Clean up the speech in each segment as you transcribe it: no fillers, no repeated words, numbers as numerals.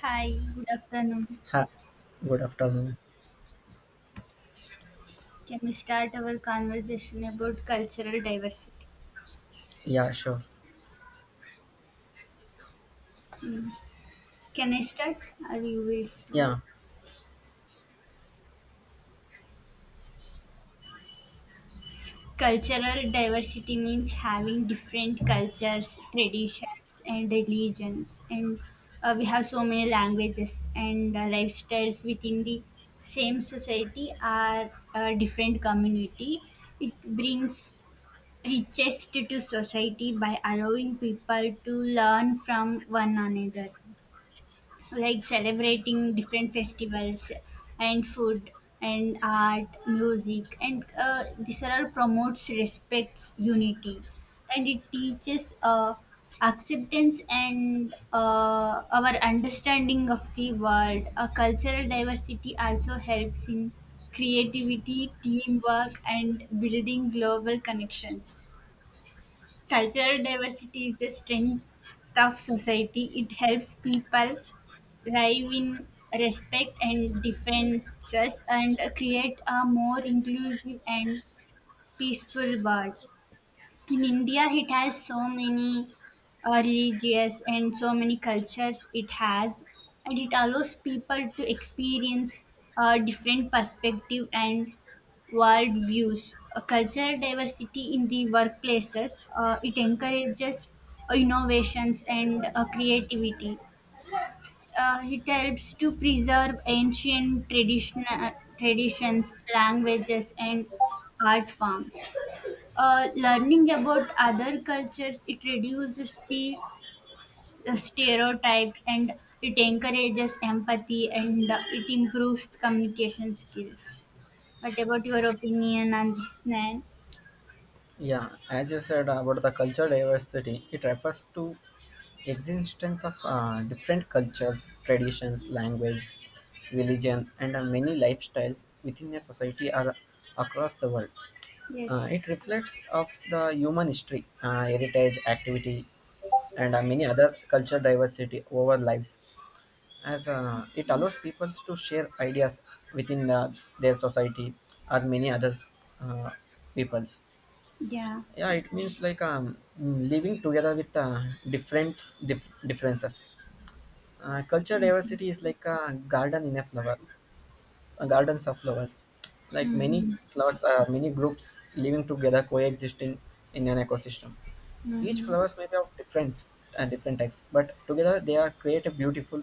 Hi, good afternoon. Ha, good afternoon. Can we start our conversation about cultural diversity? Yeah, sure. Hmm. Can I start or you will start? Yeah, Cultural diversity means having different cultures, traditions, and religions, and we have so many languages and lifestyles within the same society or a different community. It brings richest to society by allowing people to learn from one another, like celebrating different festivals and food and art music, and this all promotes respects unity, and it teaches acceptance and our understanding of the world. A cultural diversity also helps in creativity, teamwork, and building global connections. Cultural diversity is a strength of society. It helps people live in respect and differences and create a more inclusive and peaceful world. In India it has so many religious and so many cultures it has, and it allows people to experience different perspective and world views. Cultural diversity in the workplaces, it encourages innovations and creativity. Uh, it helps to preserve ancient traditional traditions, languages, and art forms. Uh, learning about other cultures, it reduces the stereotypes, and it encourages empathy, and it improves communication skills. What about your opinion on this, Nan? yeah. As you said about the cultural diversity, it refers to existence of different cultures, traditions, language, religion, and many lifestyles within a society or across the world. It Yes. reflects of the human history, heritage, activity, and many other cultural diversity over lives. As it allows people to share ideas within their society or many other uh, peoples. Yeah. Yeah, it means like living together with different differences. Culture Mm-hmm. diversity is like a garden in a flower, a gardens of flowers, like many Mm-hmm. flowers are many groups living together coexisting in an ecosystem. Each Mm-hmm. flowers may be of different different types, but together they are create a beautiful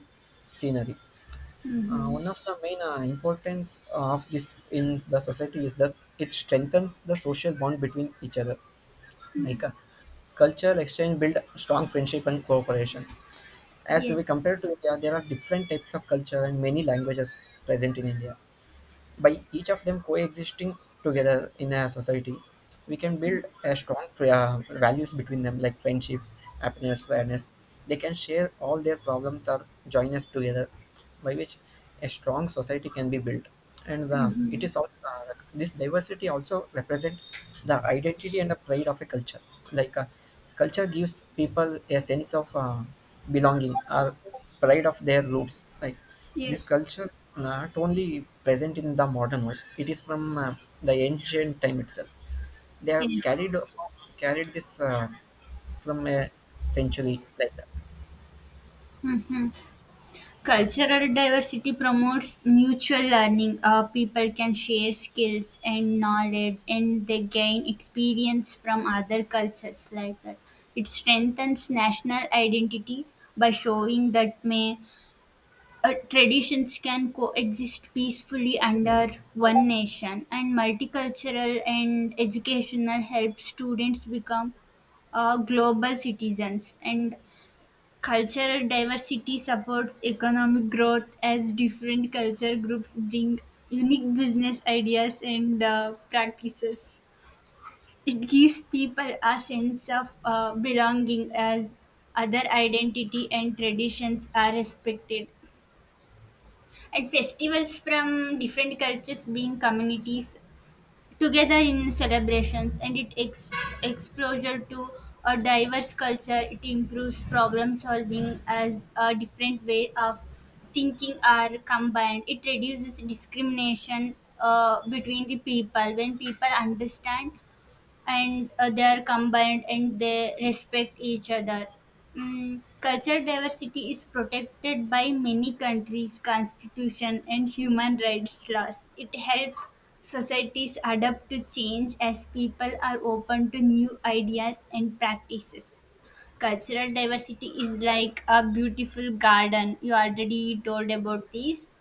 scenery. Mm-hmm. One of the main importance of this in the society is that it strengthens the social bond between each other. Like cultural exchange build strong friendship and cooperation. As we compare Yes. to India, there are different types of culture and many languages present in India. By each of them coexisting together in a society, we can build a strong values between them, like friendship, happiness, fairness. They can share all their problems or join us together, by which a strong society can be built. And the, it Mm-hmm. is also this diversity also represent the identity and the pride of a culture. Like culture gives people a sense of belonging or pride of their roots. Like this Yes. culture not only present in the modern world; it is from the ancient time itself. They have Yes. carried this from a century like that. Mm-hmm. Cultural diversity promotes mutual learning. People can share skills and knowledge, and they gain experience from other cultures like that. It strengthens national identity by showing that may traditions can coexist peacefully under one nation, and multicultural and educational help students become global citizens. And cultural diversity supports economic growth, as different culture groups bring unique business ideas and practices. It gives people a sense of belonging, as other identity and traditions are respected. At festivals from different cultures, being communities together in celebrations, and it exposure to a diverse culture, it improves problem solving as a different way of thinking are combined. It reduces discrimination between the people, when people understand and they are combined and they respect each other. Mm, culture diversity is protected by many countries' constitution and human rights laws. It helps societies adapt to change, as people are open to new ideas and practices. Cultural diversity is like a beautiful garden. You already told about this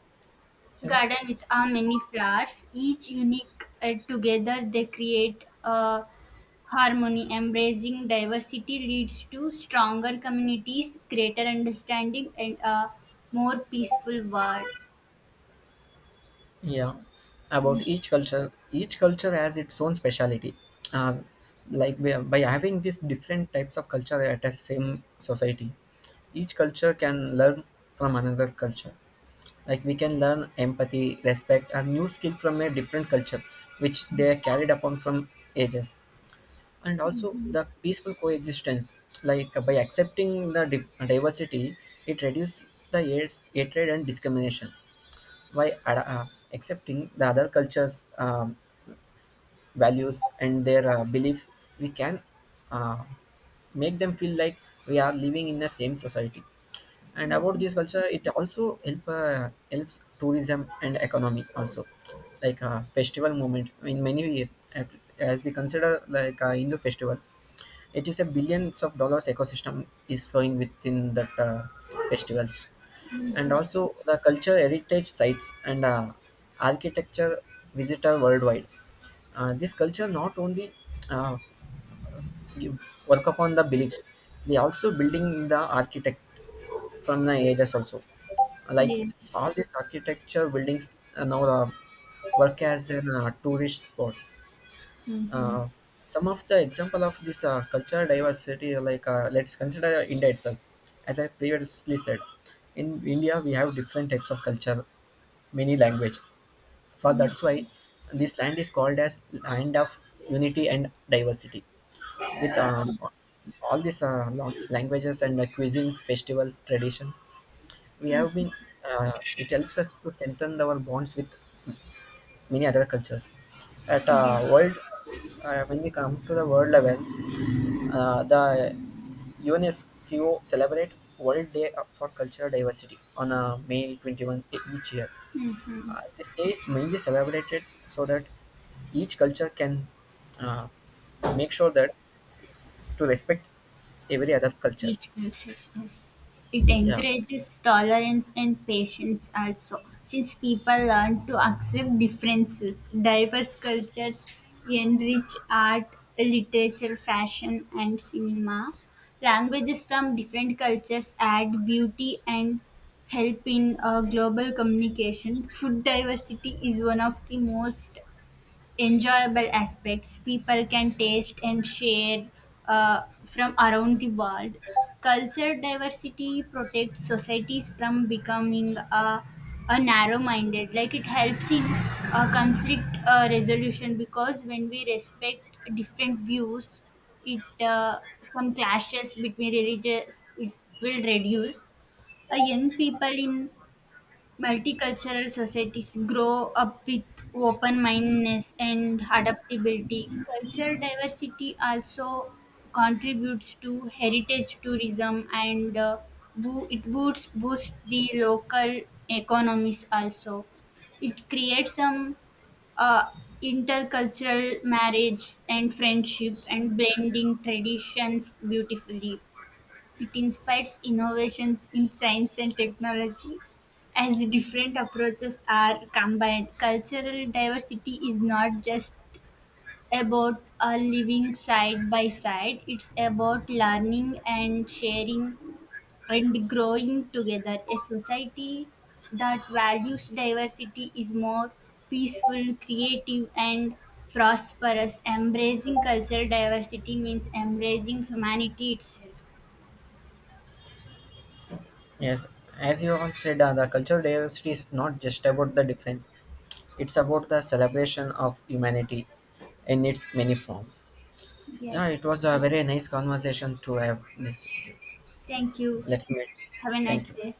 You know? garden, with many flowers, each unique. Together, they create a harmony. Embracing diversity leads to stronger communities, greater understanding, and a more peaceful world. Yeah, about each culture has its own speciality. Uh, like by having these different types of culture at a same society, each culture can learn from another culture, like we can learn empathy, respect and new skill from a different culture which they are carried upon from ages. And also the peaceful coexistence, like by accepting the diversity, it reduces the hatred and discrimination by accepting the other cultures, values and their beliefs. We can uh, make them feel like we are living in the same society. And about Mhm. this culture, it also helps tourism and economy also, like festival movement in many, uh, as we consider like hindu festivals, it is a billions of dollars ecosystem is flowing within that, festivals. And also the culture heritage sites and architecture visitor worldwide. This culture not only uh, give- work upon the beliefs, they also building the architect from the ages also. Like Yes. all these architecture buildings now work as an tourist spots. Mm-hmm. uh, some of the example of this cultural diversity, like let's consider India itself. As I previously said, in India we have different types of culture, many language. For that's why this land is called as land of unity and diversity. With all these languages and cuisines, festivals, traditions, we have been. Uh, it helps us to strengthen our bonds with many other cultures. At world, Yes. When we come to the world level, the UNESCO celebrate World Day for Cultural Diversity on May 21 each year. Mm-hmm. Yes. This day is mainly celebrated so that each culture can uh, make sure that to respect every other culture. Each process is. It Yeah. encourages tolerance and patience also, since people learn to accept differences. Diverse cultures enrich art, literature, fashion, and cinema. Languages from different cultures add beauty and help in global communication. Food diversity is one of the most enjoyable aspects people can taste and share from around the world. Culture diversity protects societies from becoming a narrow-minded. Like, it helps in conflict resolution, because when we respect different views, it some clashes between religious, it will reduce. Young people in multicultural societies grow up with open mindedness and adaptability. Cultural diversity also contributes to heritage tourism and it boosts the local economies also. It creates some uh, intercultural marriage and friendship and blending traditions beautifully. It inspires innovations in science and technology. As different approaches are combined, cultural diversity is not just about living side by side, it's about learning and sharing and growing together. A society that values diversity is more peaceful, creative, and prosperous. Embracing cultural diversity means embracing humanity itself. Yes. As you all said, the cultural diversity is not just about the difference. It's about the celebration of humanity in its many forms. Yeah, Yes. it was a very nice conversation to have this. Thank you. Let's meet. Have a nice Thank you. day.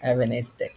Have a nice day.